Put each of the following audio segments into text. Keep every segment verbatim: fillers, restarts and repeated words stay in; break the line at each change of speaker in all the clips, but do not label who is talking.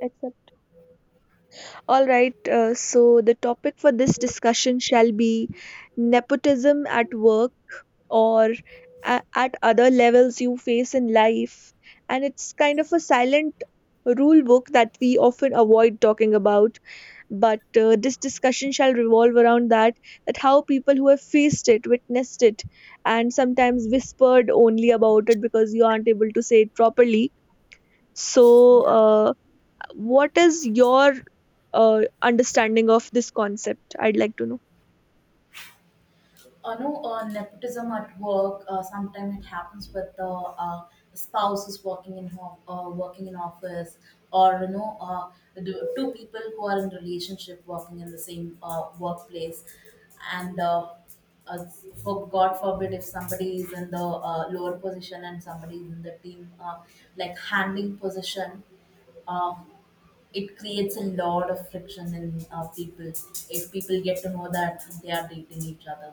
Accept. All right, uh, so the topic for this discussion shall be nepotism at work or a- at other levels you face in life. And it's kind of a silent rule book that we often avoid talking about. But uh, this discussion shall revolve around that, that how people who have faced it, witnessed it, and sometimes whispered only about it because you aren't able to say it properly. So,
Yeah.
uh, what is your uh, understanding of this concept? I'd like to know.
Uh, no, uh, nepotism at work, uh, sometimes it happens with the uh, spouses working in home, uh, working in office, or you know, uh, the two people who are in relationship working in the same uh, workplace, and uh, uh, for God forbid if somebody is in the uh, lower position and somebody is in the team, uh, like, handling position. um, it creates a lot of friction in uh, people if people get to know that they are dating each other.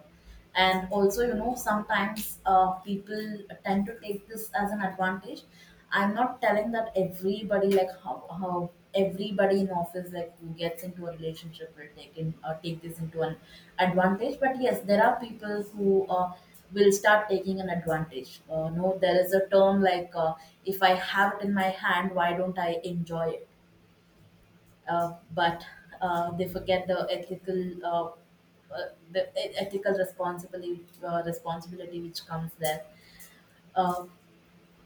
And also, you know sometimes, uh, people tend to take this as an advantage. I'm not telling that everybody, like, how, how everybody in office, like, who gets into a relationship will take in uh, take this into an advantage. But yes, there are people who uh, will start taking an advantage. Uh, no, there is a term, like, uh, if I have it in my hand, why don't I enjoy it? Uh, but uh, they forget the ethical uh, uh, the e- ethical responsibility, uh, responsibility which comes there. Uh,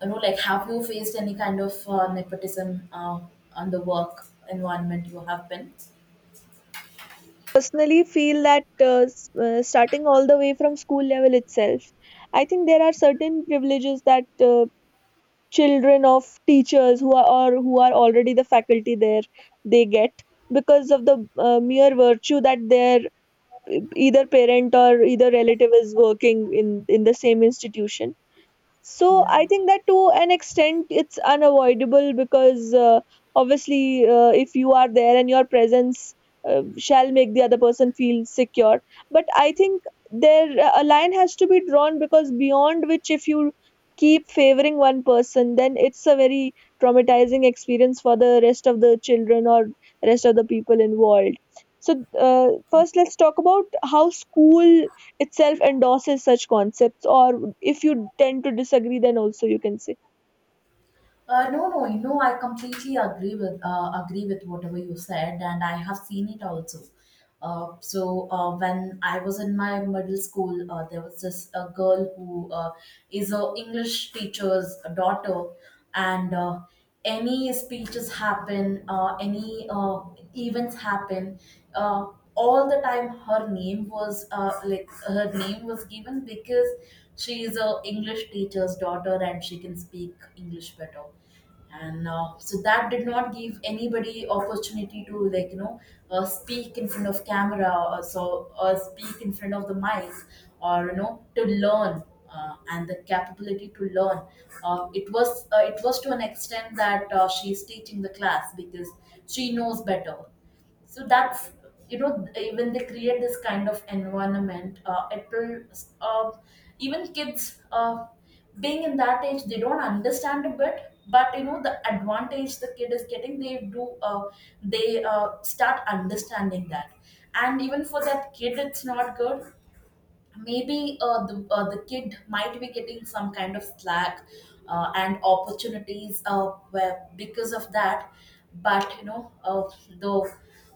you know, like, have you faced any kind of uh, nepotism uh, on the work environment you have been?
Personally feel that uh, s- uh, starting all the way from school level itself, I think there are certain privileges that uh, children of teachers who are or who are already the faculty there, they get because of the uh, mere virtue that their uh, either parent or either relative is working in in the same institution. So
Yeah.
I think that to an extent it's unavoidable because uh, obviously uh, if you are there and your presence uh, shall make the other person feel secure. But I think there a line has to be drawn, because beyond which if you keep favoring one person, then it's a very traumatizing experience for the rest of the children or rest of the people involved. So uh, first let's talk about how school itself endorses such concepts, or if you tend to disagree then also you can say.
Uh, no, no, you know, I completely agree with uh, agree with whatever you said, and I have seen it also. Uh, so uh, when I was in my middle school, uh, there was this uh, girl who uh, is a English teacher's daughter, and uh, any speeches happen, uh, any uh, events happen. Uh, all the time, her name was uh, like, her name was given because she is a english teacher's daughter and she can speak english better. And uh, so, that did not give anybody opportunity to, like, you know uh, speak in front of camera or so, or speak in front of the mic, or you know to learn, uh, and the capability to learn. Uh, it was uh, it was to an extent that uh, she is teaching the class because she knows better. So that's you know eh, when they create this kind of environment, uh, it will, uh, even kids, uh, being in that age, they don't understand a bit, but you know the advantage the kid is getting, they do, uh, they uh, start understanding that. And even for that kid, it's not good. Maybe uh, the, uh, the kid might be getting some kind of slack uh, and opportunities, uh, where, because of that. But you know, uh, the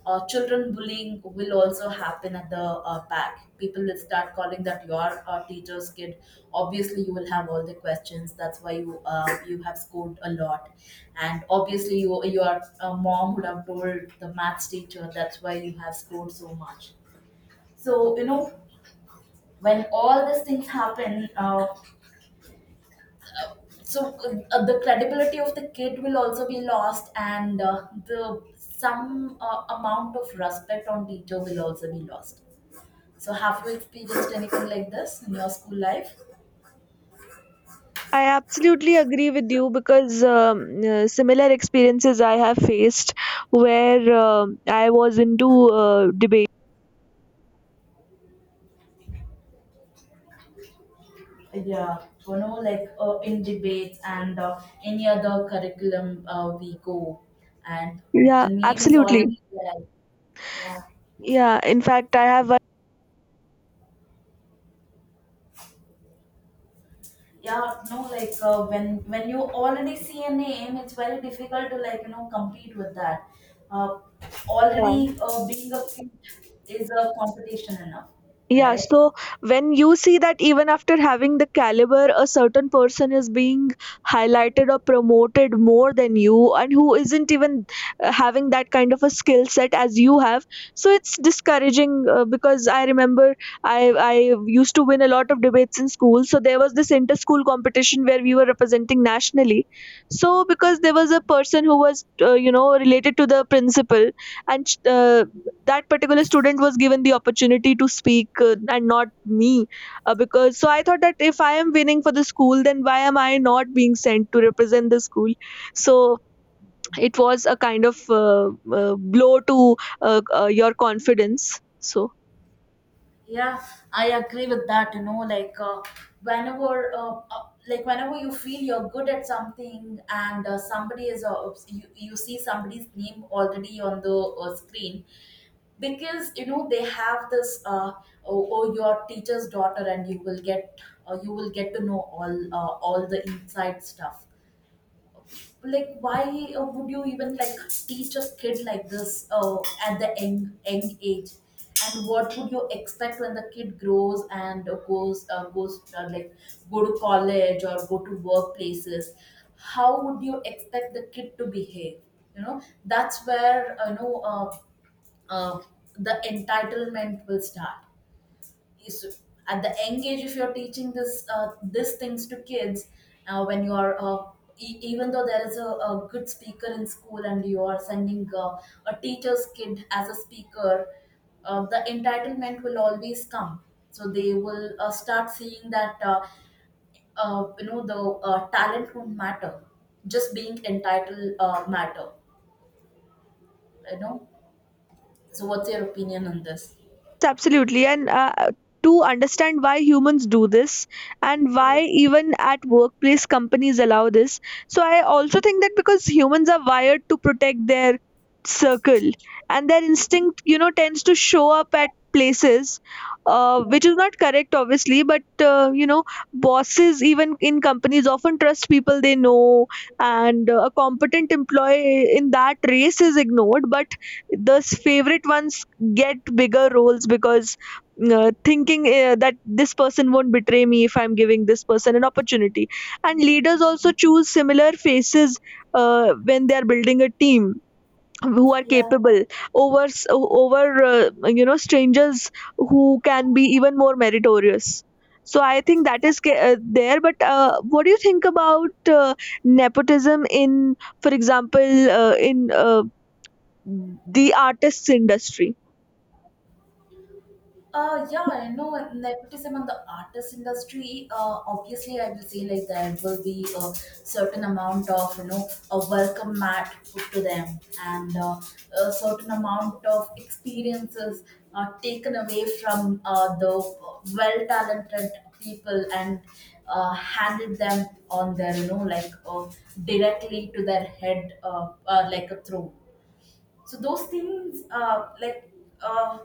uh, children bullying will also happen at the uh, back. People will start calling that you are a teacher's kid. Obviously, you will have all the questions, that's why you uh, you have scored a lot. And obviously, you your uh, mom would have told the maths teacher, that's why you have scored so much. So you know, when all these things happen, uh, so uh, the credibility of the kid will also be lost, and uh, the some uh, amount of respect on teacher will also be lost. So have you experienced anything like this in your school life?
I absolutely agree with you, because um, uh, similar experiences I have faced, where um I was into uh, debate.
Yeah, you know, like, uh, in debates and uh, any other curriculum, uh, we go, and the
Yeah,
name is
absolutely.
already there. Yeah.
Yeah, in fact, I have one.
Yeah. No, like, uh, when when you already see a name, it's very difficult to, like, you know, compete with that. uh,
uh,
Already, uh, being a kid is a competition enough,
Yeah,
right?
so when you see that even after having the caliber, a certain person is being highlighted or promoted more than you, and who isn't even uh, having that kind of a skill set as you have, so it's discouraging. Uh, because I remember I I used to win a lot of debates in school, so there was this inter school competition where we were representing nationally. So because there was a person who was uh, you know, related to the principal, and uh, that particular student was given the opportunity to speak, uh, and not me, uh, because so I thought that if I am winning for the school, then why am I not being sent to represent the school? So it was a kind of uh, uh, blow to uh, uh, your confidence. So
Yeah, I agree with that. You know, like, uh, whenever, uh, uh, like whenever you feel you're good at something, and uh, somebody is, uh, you, you see somebody's name already on the uh, screen, because you know they have this. Uh, oh, oh, your teacher's daughter, and you will get, uh, you will get to know all, uh, all the inside stuff. Like, why uh, would you even, like, teach a kid like this uh, at the young, young age? And what would you expect when the kid grows and uh, goes uh, goes uh, like, go to college or go to workplaces? How would you expect the kid to behave? You know, that's where, uh, you know uh, uh, the entitlement will start is at the young age, if you're teaching this uh, these things to kids. Uh, when you are, uh, e- even though there is a, a good speaker in school, and you are sending uh, a teacher's kid as a speaker, uh, the entitlement will always come. So they will, uh, start seeing that, uh, uh, you know, the uh, talent won't matter, just being entitled uh, matter, you know. So what's your opinion on this?
yes, absolutely. And uh, to understand why humans do this, and why even at workplace companies allow this. So I also think that because humans are wired to protect their circle, and their instinct, you know, tends to show up at places uh, which is not correct obviously, but uh, you know, bosses even in companies often trust people they know, and uh, a competent employee in that race is ignored, but the favorite ones get bigger roles because uh, thinking uh, that this person won't betray me if I'm giving this person an opportunity. And leaders also choose similar faces uh, when they are building a team, who are
Yeah.
capable over s- over uh, you know, strangers who can be even more meritorious. So I think that is ca- uh, there. But uh, what do you think about uh, nepotism in, for example, uh, in uh, the artists industry?
Uh, yeah, I know nepotism in the artist industry. Uh, obviously, I will say, like, there will be a certain amount of, you know, a welcome mat put to them, and uh, a certain amount of experiences are taken away from uh, the well talented people, and uh, handed them on their, you know, like, uh, directly to their head, uh, uh, like a throne. So those things, uh, like, uh,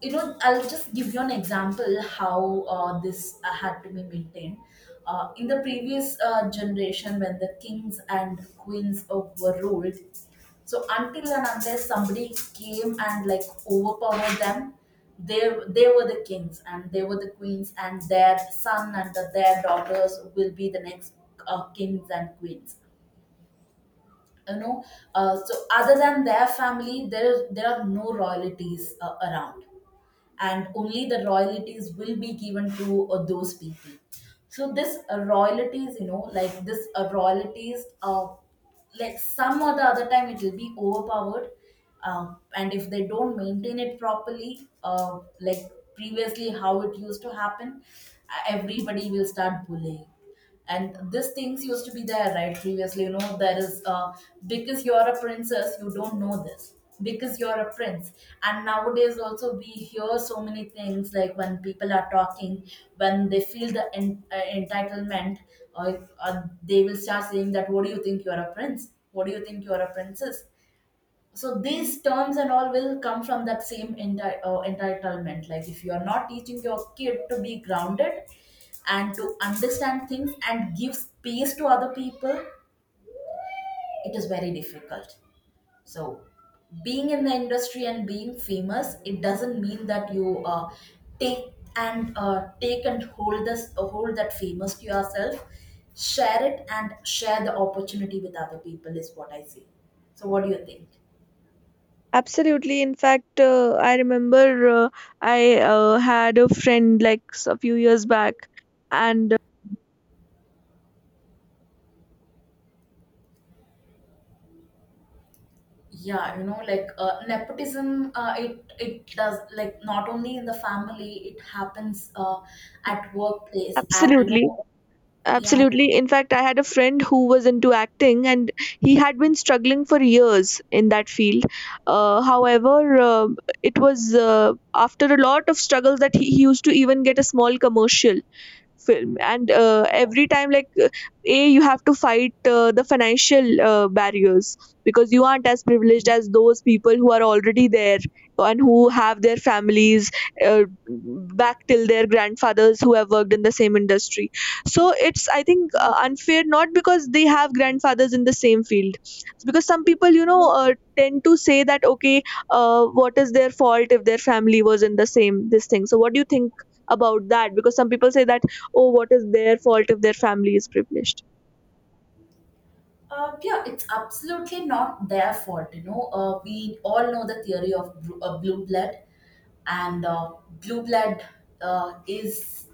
you know, I'll just give you an example how uh, this uh, had to be maintained uh, in the previous uh, generation, when the kings and queens uh, were ruled. So until and unless somebody came and, like, overpowered them, they they were the kings and they were the queens, and their son and their daughters will be the next uh, kings and queens, you know. Uh, so, other than their family, there there are no royalties uh, around, and only the royalties will be given to uh, those people. So this uh, royalties you know like this uh, royalties, uh, like, some or the other time, it will be overpowered. Um, and if they don't maintain it properly, uh, like, previously, how it used to happen, uh, everybody will start bullying. And these things used to be there, right? Previously, you know, there is, uh, because you're a princess, you don't know this, because you're a prince. And nowadays also, we hear so many things, like, when people are talking, when they feel the en- uh, entitlement, or uh, they will start saying that, what do you think, you're a prince? What do you think, you're a princess? So these terms and all will come from that same enti- uh, entitlement. Like, if you are not teaching your kid to be grounded and to understand things and give space to other people, it is very difficult. So, being in the industry and being famous, it doesn't mean that you, uh, take and uh, take and hold this uh, hold that famous to yourself. Share it and share the opportunity with other people is what I see. So what do you think?
Absolutely. In fact, uh, I remember uh, I uh, had a friend like s- a few years back, and uh,
Yeah, you know, like, uh, nepotism, uh, it it does, like, not only in the family, it happens uh, at workplace, at, you
absolutely,
know. Yeah.
absolutely. In fact, I had a friend who was into acting, and he had been struggling for years in that field. Uh, however, uh, it was uh, after a lot of struggles that he, he used to even get a small commercial film. And uh,
Yeah.
every time like uh, a you have to fight uh, the financial uh, barriers, because you aren't as privileged
Yeah.
as those people who are already there, and who have their families uh, back till their grandfathers who have worked in the same industry. So it's, I think, uh, unfair, not because they have grandfathers in the same field. It's because some people, you know, uh, tend to say that okay, uh, what is their fault if their family was in the same this thing? So what do you think about that, because some people say that, oh, what is their fault if their family is privileged?
Uh, yeah, it's absolutely not their fault. You know, uh, we all know the theory of blue, uh, blue blood, and uh, blue blood uh, is,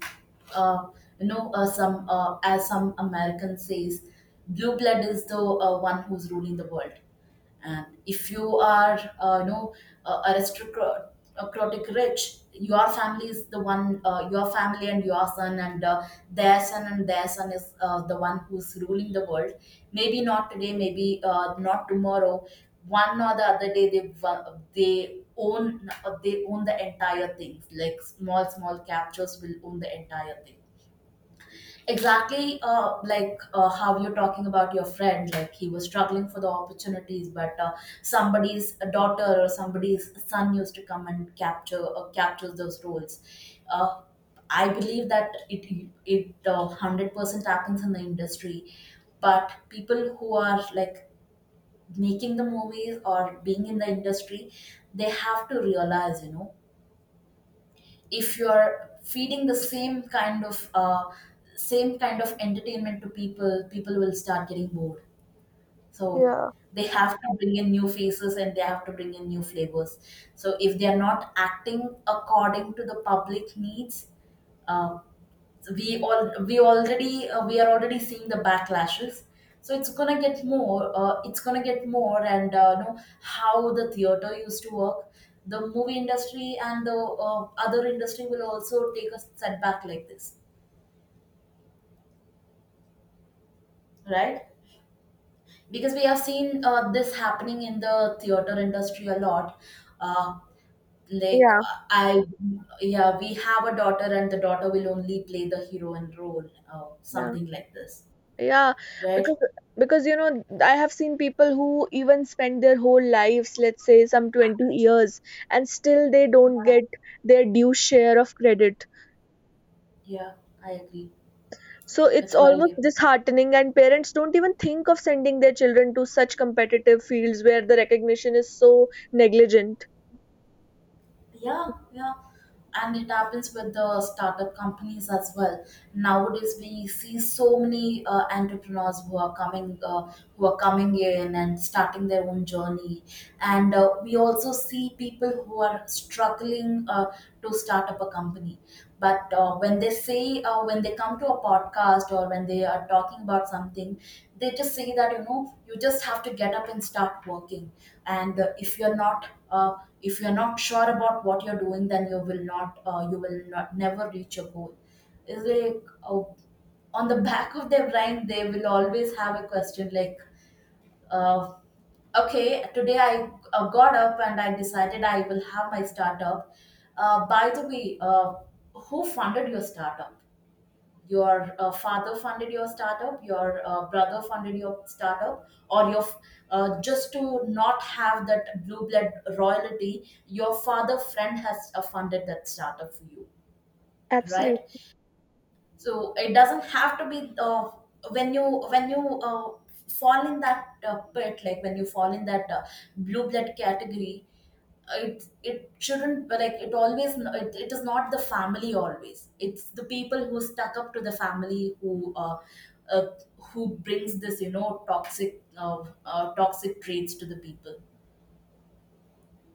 uh, you know, uh, some uh, as some American says, blue blood is the uh, one who's ruling the world. And if you are, uh, you know, uh, aristocratic rich, your family is the one, uh, your family and your son and uh, their son and their son is uh, the one who's ruling the world. Maybe not today, maybe uh, not tomorrow, one or the other day, they wa- they own uh, they own the entire things, like, small small captures will own the entire thing. Exactly, uh, like, uh, how you're talking about your friend, like, he was struggling for the opportunities, but uh, somebody's daughter or somebody's son used to come and capture uh, captures those roles. Uh, I believe that it it uh, hundred percent happens in the industry, but people who are, like, making the movies or being in the industry, they have to realize, you know, if you are feeding the same kind of uh, same kind of entertainment to people, people will start getting bored. So,
Yeah,
they have to bring in new faces and they have to bring in new flavors. So if they are not acting according to the public needs, uh, we all we already uh, we are already seeing the backlashes. So it's gonna get more, uh, it's gonna get more and uh, you know how the theater used to work, the movie industry and the uh, other industry will also take a setback like this, right? Because we have seen uh, this happening in the theater industry a lot. Uh, like
yeah,
uh, I Yeah, we have a daughter and the daughter will only play the hero in role, uh,
yeah,
something like this,
yeah.
right?
Because because you know, I have seen people who even spend their whole lives, let's say some twenty years, and still they don't get their due share of credit.
Yeah, I agree.
So it's
It's
almost
wide.
disheartening, and parents don't even think of sending their children to such competitive fields where the recognition is so negligent.
Yeah, yeah. And it happens with the startup companies as well. Nowadays, we see so many uh, entrepreneurs who are coming, uh, who are coming in and starting their own journey. And uh, we also see people who are struggling uh, to start up a company. But uh, when they say, uh, when they come to a podcast or when they are talking about something, they just say that you know you just have to get up and start working, and uh, if you're not uh, if you're not sure about what you're doing, then you will not uh, you will not never reach your goal. Is like, uh, on the back of their brain they will always have a question like, uh, okay, today I uh, got up and I decided I will have my startup. Uh, by the way, uh, who funded your startup? Your uh, father funded your startup? Your uh, brother funded your startup? Or your, uh, just to not have that blue blood royalty, your father friend has uh, funded that startup for you?
Absolutely.
Right. So it doesn't have to be, uh, when you when you uh, fall in that uh, pit, like when you fall in that uh, blue blood category. uh, it it shouldn't, like it always, it, it is not the family always, it's the people who stuck up to the family who uh, uh, who brings this, you know, toxic uh, uh, toxic traits to the people.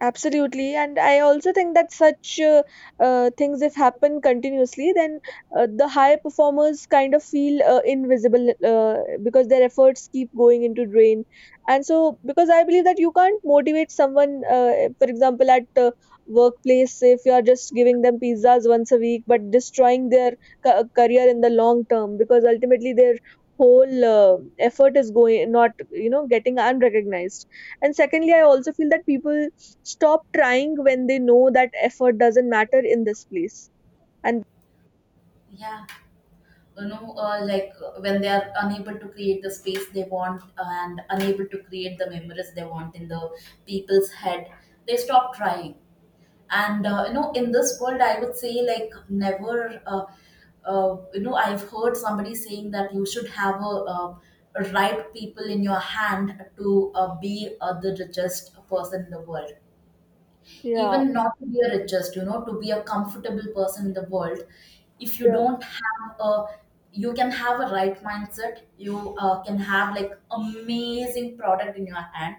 Absolutely, and I also think that such uh, uh, things, if happen continuously, then uh, the high performers kind of feel uh, invisible, uh, because their efforts keep going into drain. And so, because I believe that you can't motivate someone, uh, for example, at uh, workplace, if you are just giving them pizzas once a week, but destroying their ca- uh, career in the long term, because ultimately their whole uh, effort is going not, you know, getting unrecognized. And secondly, I also feel that people stop trying when they know that effort doesn't matter in this place. And
Yeah. You know, uh, like, uh, when they are unable to create the space they want and unable to create the memories they want in the people's head, they stop trying. And uh, you know, in this world, I would say like never. Uh, uh, you know, I've heard somebody saying that you should have a, uh, right people in your hand to uh, be uh, the richest person in the world.
yeah,
Even not to be a richest, you know, to be a comfortable person in the world. If you
yeah,
don't have a, you can have a right mindset, you uh, can have like amazing product in your hand,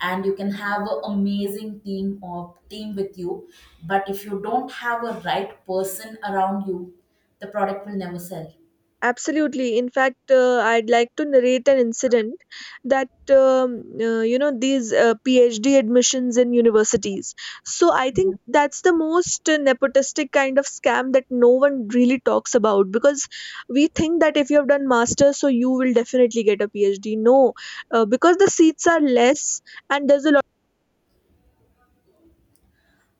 and you can have an amazing team or team with you, but if you don't have a right person around you, the product will never sell.
absolutely. In fact, uh, I'd like to narrate an incident that, um, uh, you know, these uh, PhD admissions in universities. So I think that's the most uh, nepotistic kind of scam that no one really talks about, because we think that if you have done masters, so you will definitely get a PhD. No, uh, because the seats are less, and there's a lot.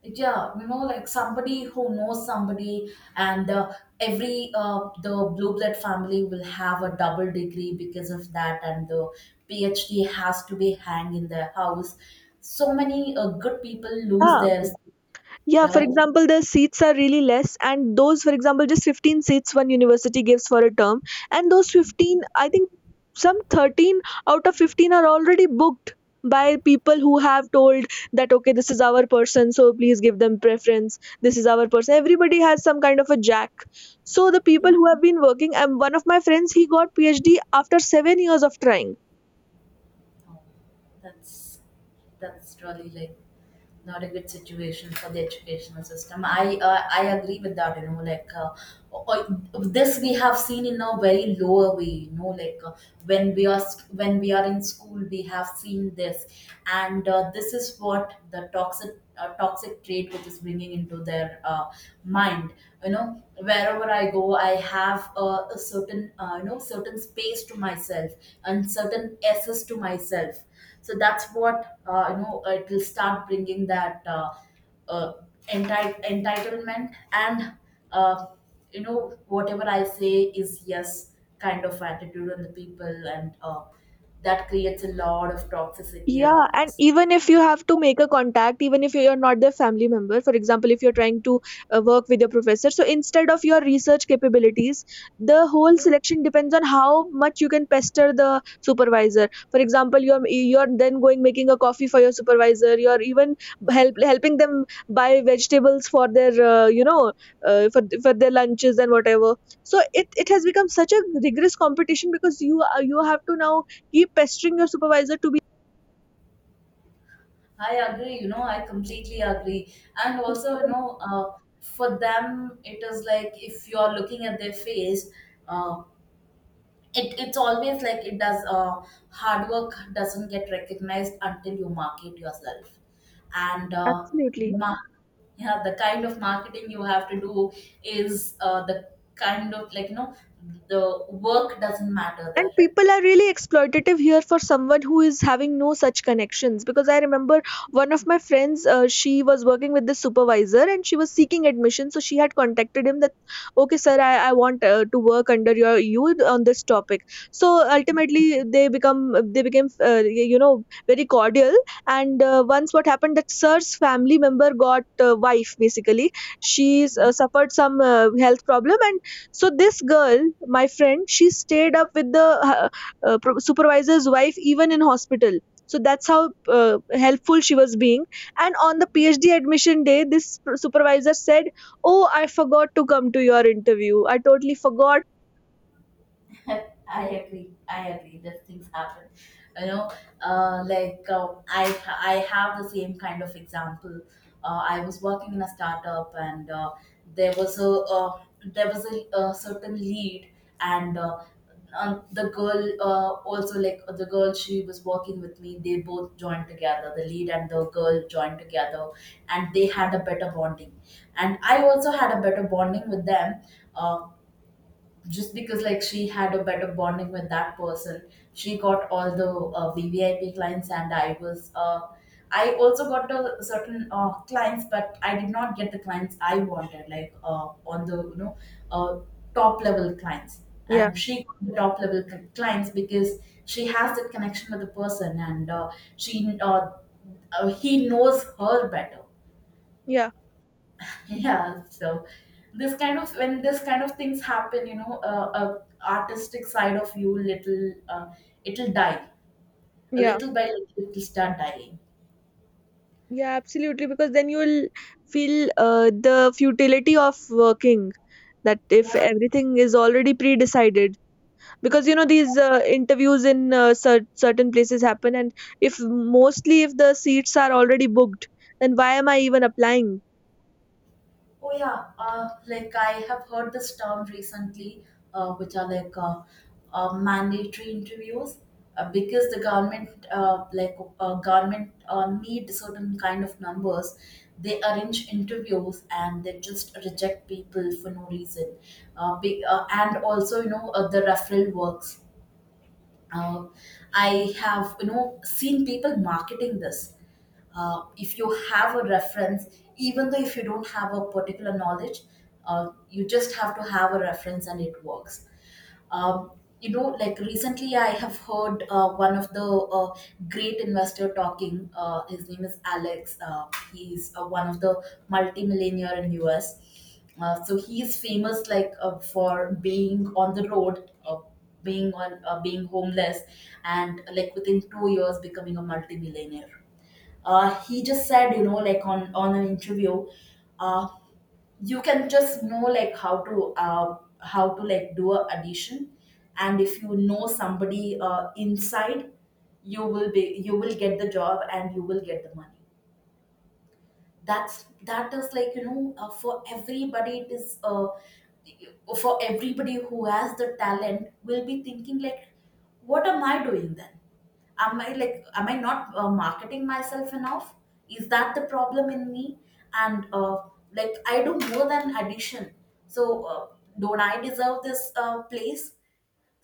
Yeah, you know, like somebody who knows somebody. And uh, every, uh, the blue blood family will have a double degree because of that, and the P h D has to be hang in their house. So many uh, good people lose
Yeah.
theirs.
Yeah, for
Right.
example, the seats are really less, and those, for example, just fifteen seats one university gives for a term, and those fifteen, I think some thirteen out of fifteen are already booked by people who have told that okay, this is our person, so please give them preference, this is our person, everybody has some kind of a jack. So the people who have been working, and one of my friends, he got PhD after seven years of trying.
Oh, that's that's really like not a good situation for the educational system. I uh, I agree with that. You know, like, uh, uh, this we have seen in a very lower way. You know, like, uh, when we are sc- when we are in school, we have seen this. And uh, this is what, the toxic uh, toxic trait which is bringing into their uh, mind. You know, wherever I go, I have a, a certain, uh, you know, certain space to myself and certain access to myself. So that's what, uh, you know. It will start bringing that uh, uh, enti- entitlement, and uh, you know, whatever I say is yes kind of attitude on the people, and uh, that creates a lot of toxicity
Yeah,
around
and
us.
even if you have to make a contact, even if you're not their family member, for example, if you're trying to uh, work with your professor, so instead of your research capabilities, the whole selection depends on how much you can pester the supervisor. For example, you're you're then going making a coffee for your supervisor. You're even help helping them buy vegetables for their uh, you know, uh, for for their lunches and whatever. So it it has become such a rigorous competition, because you are- you have to now keep pestering your supervisor to be.
I agree, you know, I completely agree. And also, you know, uh, for them, it is like if you're looking at their face, uh, it, it's always like it does, uh, hard work doesn't get recognized until you market yourself. And uh, the
Absolutely.
mar- yeah, the kind of marketing you have to do is uh, the kind of, like, you know, the work doesn't matter there.
And people are really exploitative here for someone who is having no such connections. Because I remember one of my friends, uh, she was working with the supervisor and she was seeking admission. So she had contacted him that, okay, sir, I, I want uh, to work under your you on this topic. So ultimately, they become they became, uh, you know, very cordial. And uh, once what happened that sir's family member got, uh, wife basically, she uh, suffered some uh, health problem. And so this girl, my friend, she stayed up with the uh, uh, pro- supervisor's wife even in hospital. So that's how uh, helpful she was being. And on the PhD admission day, this pr- supervisor said, "Oh, I forgot to come to your interview. I totally forgot."
I agree. I agree. That things happen. You know, uh, like, uh, I I have the same kind of example. Uh, I was working in a startup, and uh, there was a uh, there was a, uh certain lead, and uh, um, the girl, uh, also like the girl, she was working with me. They both joined together. The lead and the girl joined together, and they had a better bonding. And I also had a better bonding with them. Uh, just because, like, she had a better bonding with that person, she got all the uh, V V I P clients, and i was uh, i also got a certain uh, clients, but I did not get the clients I wanted, like, uh, on the, you know, uh, top level clients.
Yeah,
And she got the top level c- clients because she has that connection with the person, and uh, she uh, uh, he knows her better.
yeah,
Yeah. So this kind of when this kind of things happen, you know, uh, a artistic side of you little, uh, it'll die, a
yeah,
little by little it'll start dying.
yeah. Absolutely, because then you will feel uh, the futility of working. That if everything is already pre-decided, because you know these uh, interviews in uh, cer- certain places happen, and if mostly if the seats are already booked, then why am I even applying?
Oh yeah, uh, like, I have heard this term recently, uh, which are like, uh, uh, mandatory interviews, uh, because the government, uh, like, uh, government, uh, need certain kind of numbers. They arrange interviews and they just reject people for no reason. Uh, be, uh, and also, you know, uh, the referral works. uh, I have, you know, seen people marketing this. Uh, if you have a reference, even though if you don't have a particular knowledge, uh, you just have to have a reference and it works. Um, you know, like recently, I have heard uh, one of the uh, great investor talking. Uh, his name is Alex. Uh, he's uh, one of the multimillionaire in U S. Uh, so he's famous, like, uh, for being on the road, uh, being on uh, being homeless, and like within two years becoming a multimillionaire. Uh, he just said, you know, like, on on an interview. uh, you can just know, like, how to uh, how to like do a addition, and if you know somebody uh, inside, you will be you will get the job and you will get the money. That's that is like, you know, uh, for everybody it is uh, for everybody who has the talent will be thinking like, what am I doing then? Am I like, am I not uh, marketing myself enough? Is that the problem in me? And uh, like, I do more than addition. So uh, don't I deserve this uh, place?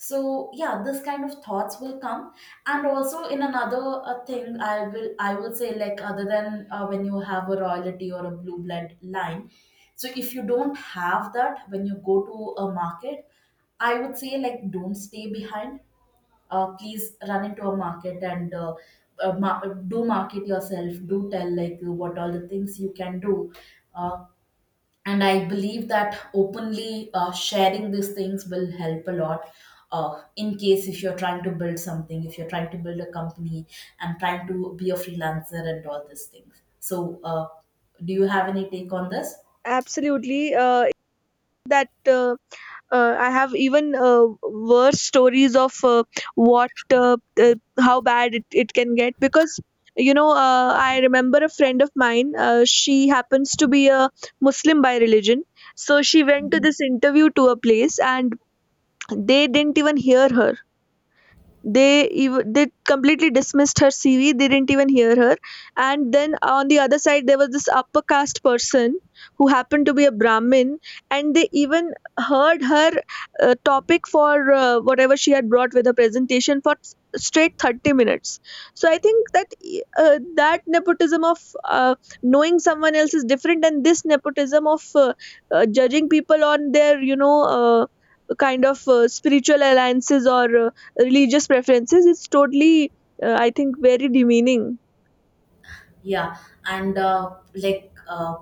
So yeah, this kind of thoughts will come. And also, in another uh, thing, i will i will say like, other than uh, when you have a royalty or a blue blood line, so if you don't have that, when you go to a market, I would say like, don't stay behind. Uh, please run into a market, and uh, uh, ma- do market yourself, do tell like what all the things you can do. Uh, and I believe that openly uh, sharing these things will help a lot, uh, in case if you're trying to build something, if you're trying to build a company and trying to be a freelancer and all these things. So uh, do you have any take on this?
Absolutely, uh, that uh, uh, I have even uh, worse stories of uh, what uh, uh, how bad it, it can get. Because you know, uh, I remember a friend of mine, uh, she happens to be a Muslim by religion. So she went to this interview to a place, and they didn't even hear her. They even, they completely dismissed her C V. They didn't even hear her. And then on the other side, there was this upper caste person who happened to be a Brahmin, and they even heard her uh, topic for uh, whatever she had brought with her presentation for s- straight thirty minutes. So I think that uh, that nepotism of uh, knowing someone else is different, and this nepotism of uh, uh, judging people on their, you know, uh, kind of uh, spiritual alliances or uh, religious preferences, it's totally uh, I think very demeaning.
Yeah. And uh, like, uh,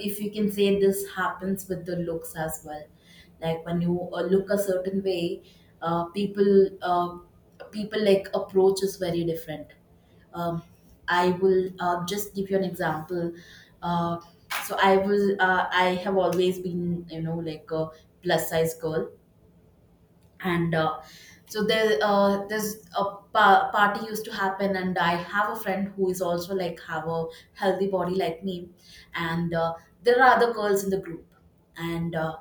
if you can say this happens with the looks as well, like when you uh, look a certain way, uh, people uh, people, like, approach is very different. um, I will uh, just give you an example. Uh, so I was uh, I have always been, you know, like a plus size girl, and uh, so there uh, there's a pa- party used to happen, and I have a friend who is also like have a healthy body like me, and uh, there are other girls in the group, and uh,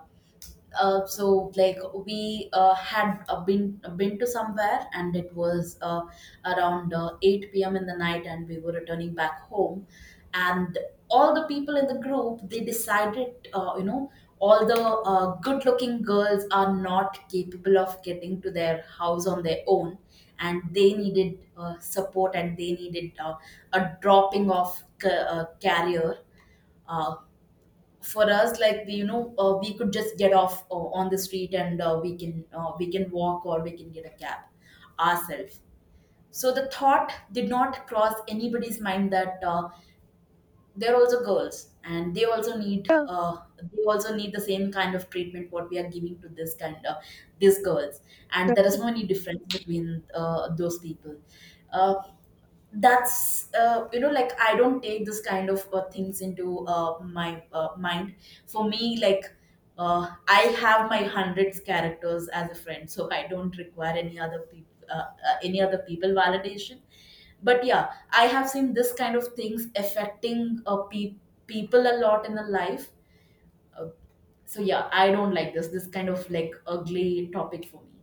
uh, so like, we uh, had uh, been been to somewhere, and it was uh, around uh, eight p m in the night, and we were returning back home, and all the people in the group, they decided, uh, you know, all the uh, good looking girls are not capable of getting to their house on their own, and they needed uh, support, and they needed uh, a dropping of ca- uh, carrier. uh, for us, like, the, you know, uh, we could just get off uh, on the street, and uh, we can uh, we can walk or we can get a cab ourselves. So the thought did not cross anybody's mind that uh, they're also girls, and they also need
Yeah,
uh, they also need the same kind of treatment what we are giving to this kind of, these girls. And there
that's
is no any difference between uh, those people. Uh, that's, uh, you know, like I don't take this kind of uh, things into uh, my uh, mind. For me, like, uh, I have my hundreds characters as a friend, so I don't require any other people uh, uh, any other people validation. But yeah, I have seen this kind of things affecting uh, pe- people a lot in the life. So yeah, I don't like this this kind of, like, ugly topic for me.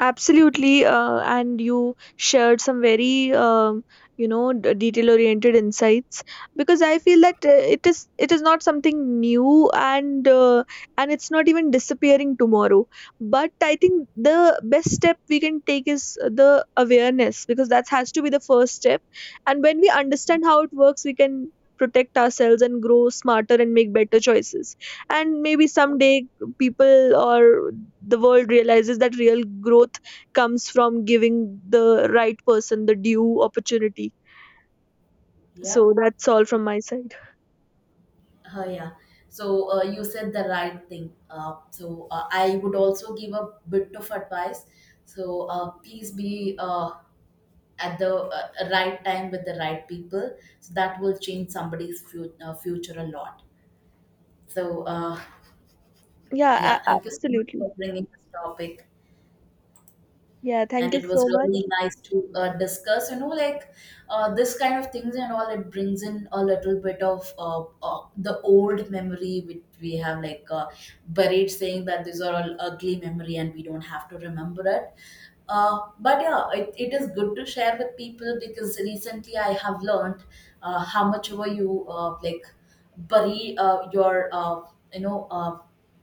absolutely, uh, and you shared some very um, you know, detail oriented insights, because I feel that uh, it is it is not something new, and uh, and it's not even disappearing tomorrow. But I think the best step we can take is the awareness, because that has to be the first step. And when we understand how it works, we can protect ourselves and grow smarter and make better choices. And maybe someday people or the world realizes that real growth comes from giving the right person the due opportunity.
Yeah.
So that's all from my side.
Oh, yeah. So uh, you said the right thing. Uh, so uh, I would also give a bit of advice. So uh, please be, uh, at the uh, right time with the right people. So that will change somebody's fu- uh, future a lot. So uh,
Yeah, a-
yeah, thank you so much
absolutely.
for bringing this topic.
Yeah,
And
thank you
it was
so much.
really nice to uh, discuss, you know, like, uh, this kind of things. And all it brings in a little bit of uh, uh, the old memory which we have like uh, buried, saying that these are all ugly memory and we don't have to remember it. Uh, but yeah, it, it is good to share with people because recently I have learned uh, how much over you, uh, like, bury uh, your, uh, you know, uh,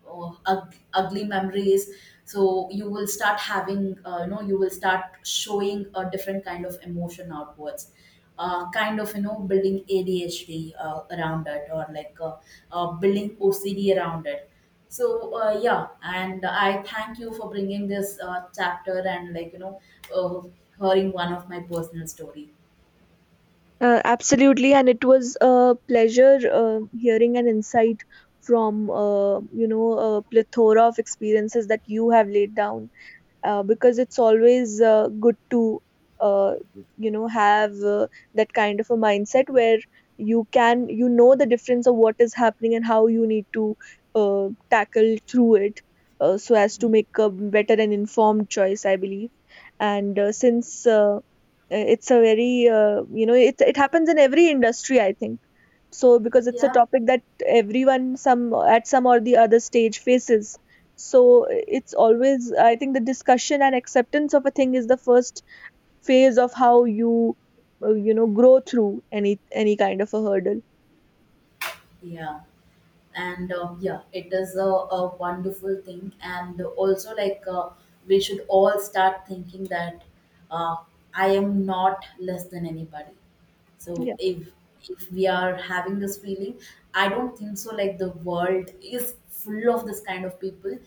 oh, ug- ugly memories. So you will start having, uh, you know, you will start showing a different kind of emotion outwards, uh, kind of, you know, building A D H D uh, around it, or like uh, uh, building O C D around it. So uh, yeah, and I thank you for bringing this uh, chapter, and like, you know, uh, hearing one of my personal story.
Uh, absolutely, and it was a pleasure uh, hearing an insight from, uh, you know, a plethora of experiences that you have laid down, uh, because it's always uh, good to uh, you know, have uh, that kind of a mindset where you can, you know, the difference of what is happening and how you need to uh, tackle through it, uh, so as to make a better and informed choice, I believe. And uh, since uh, it's a very, uh, you know, it, it happens in every industry, I think, so because it's a
Yeah.
topic that everyone, some at some or the other stage, faces. So it's always, I think, the discussion and acceptance of a thing is the first phase of how you uh, you know, grow through any any kind of a hurdle.
Yeah. And uh, yeah, it is a, a wonderful thing. And also, like, uh, we should all start thinking that uh, I am not less than anybody. So
Yeah,
if, if we are having this feeling, I don't think so like the world is full of this kind of people.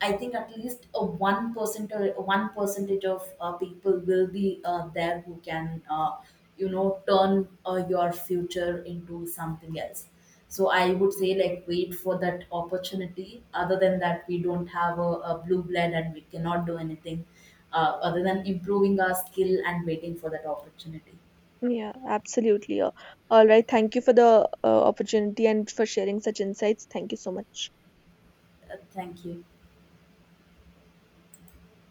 I think at least a one percent or one percentage of uh, people will be uh, there who can, uh, you know, turn uh, your future into something else. So I would say like wait for that opportunity. Other than that, we don't have a, a blue blood, and we cannot do anything uh, other than improving our skill and waiting for that opportunity.
yeah, absolutely. Uh, all right, thank you for the uh, opportunity and for sharing such insights. Thank you so much.
Uh, thank you.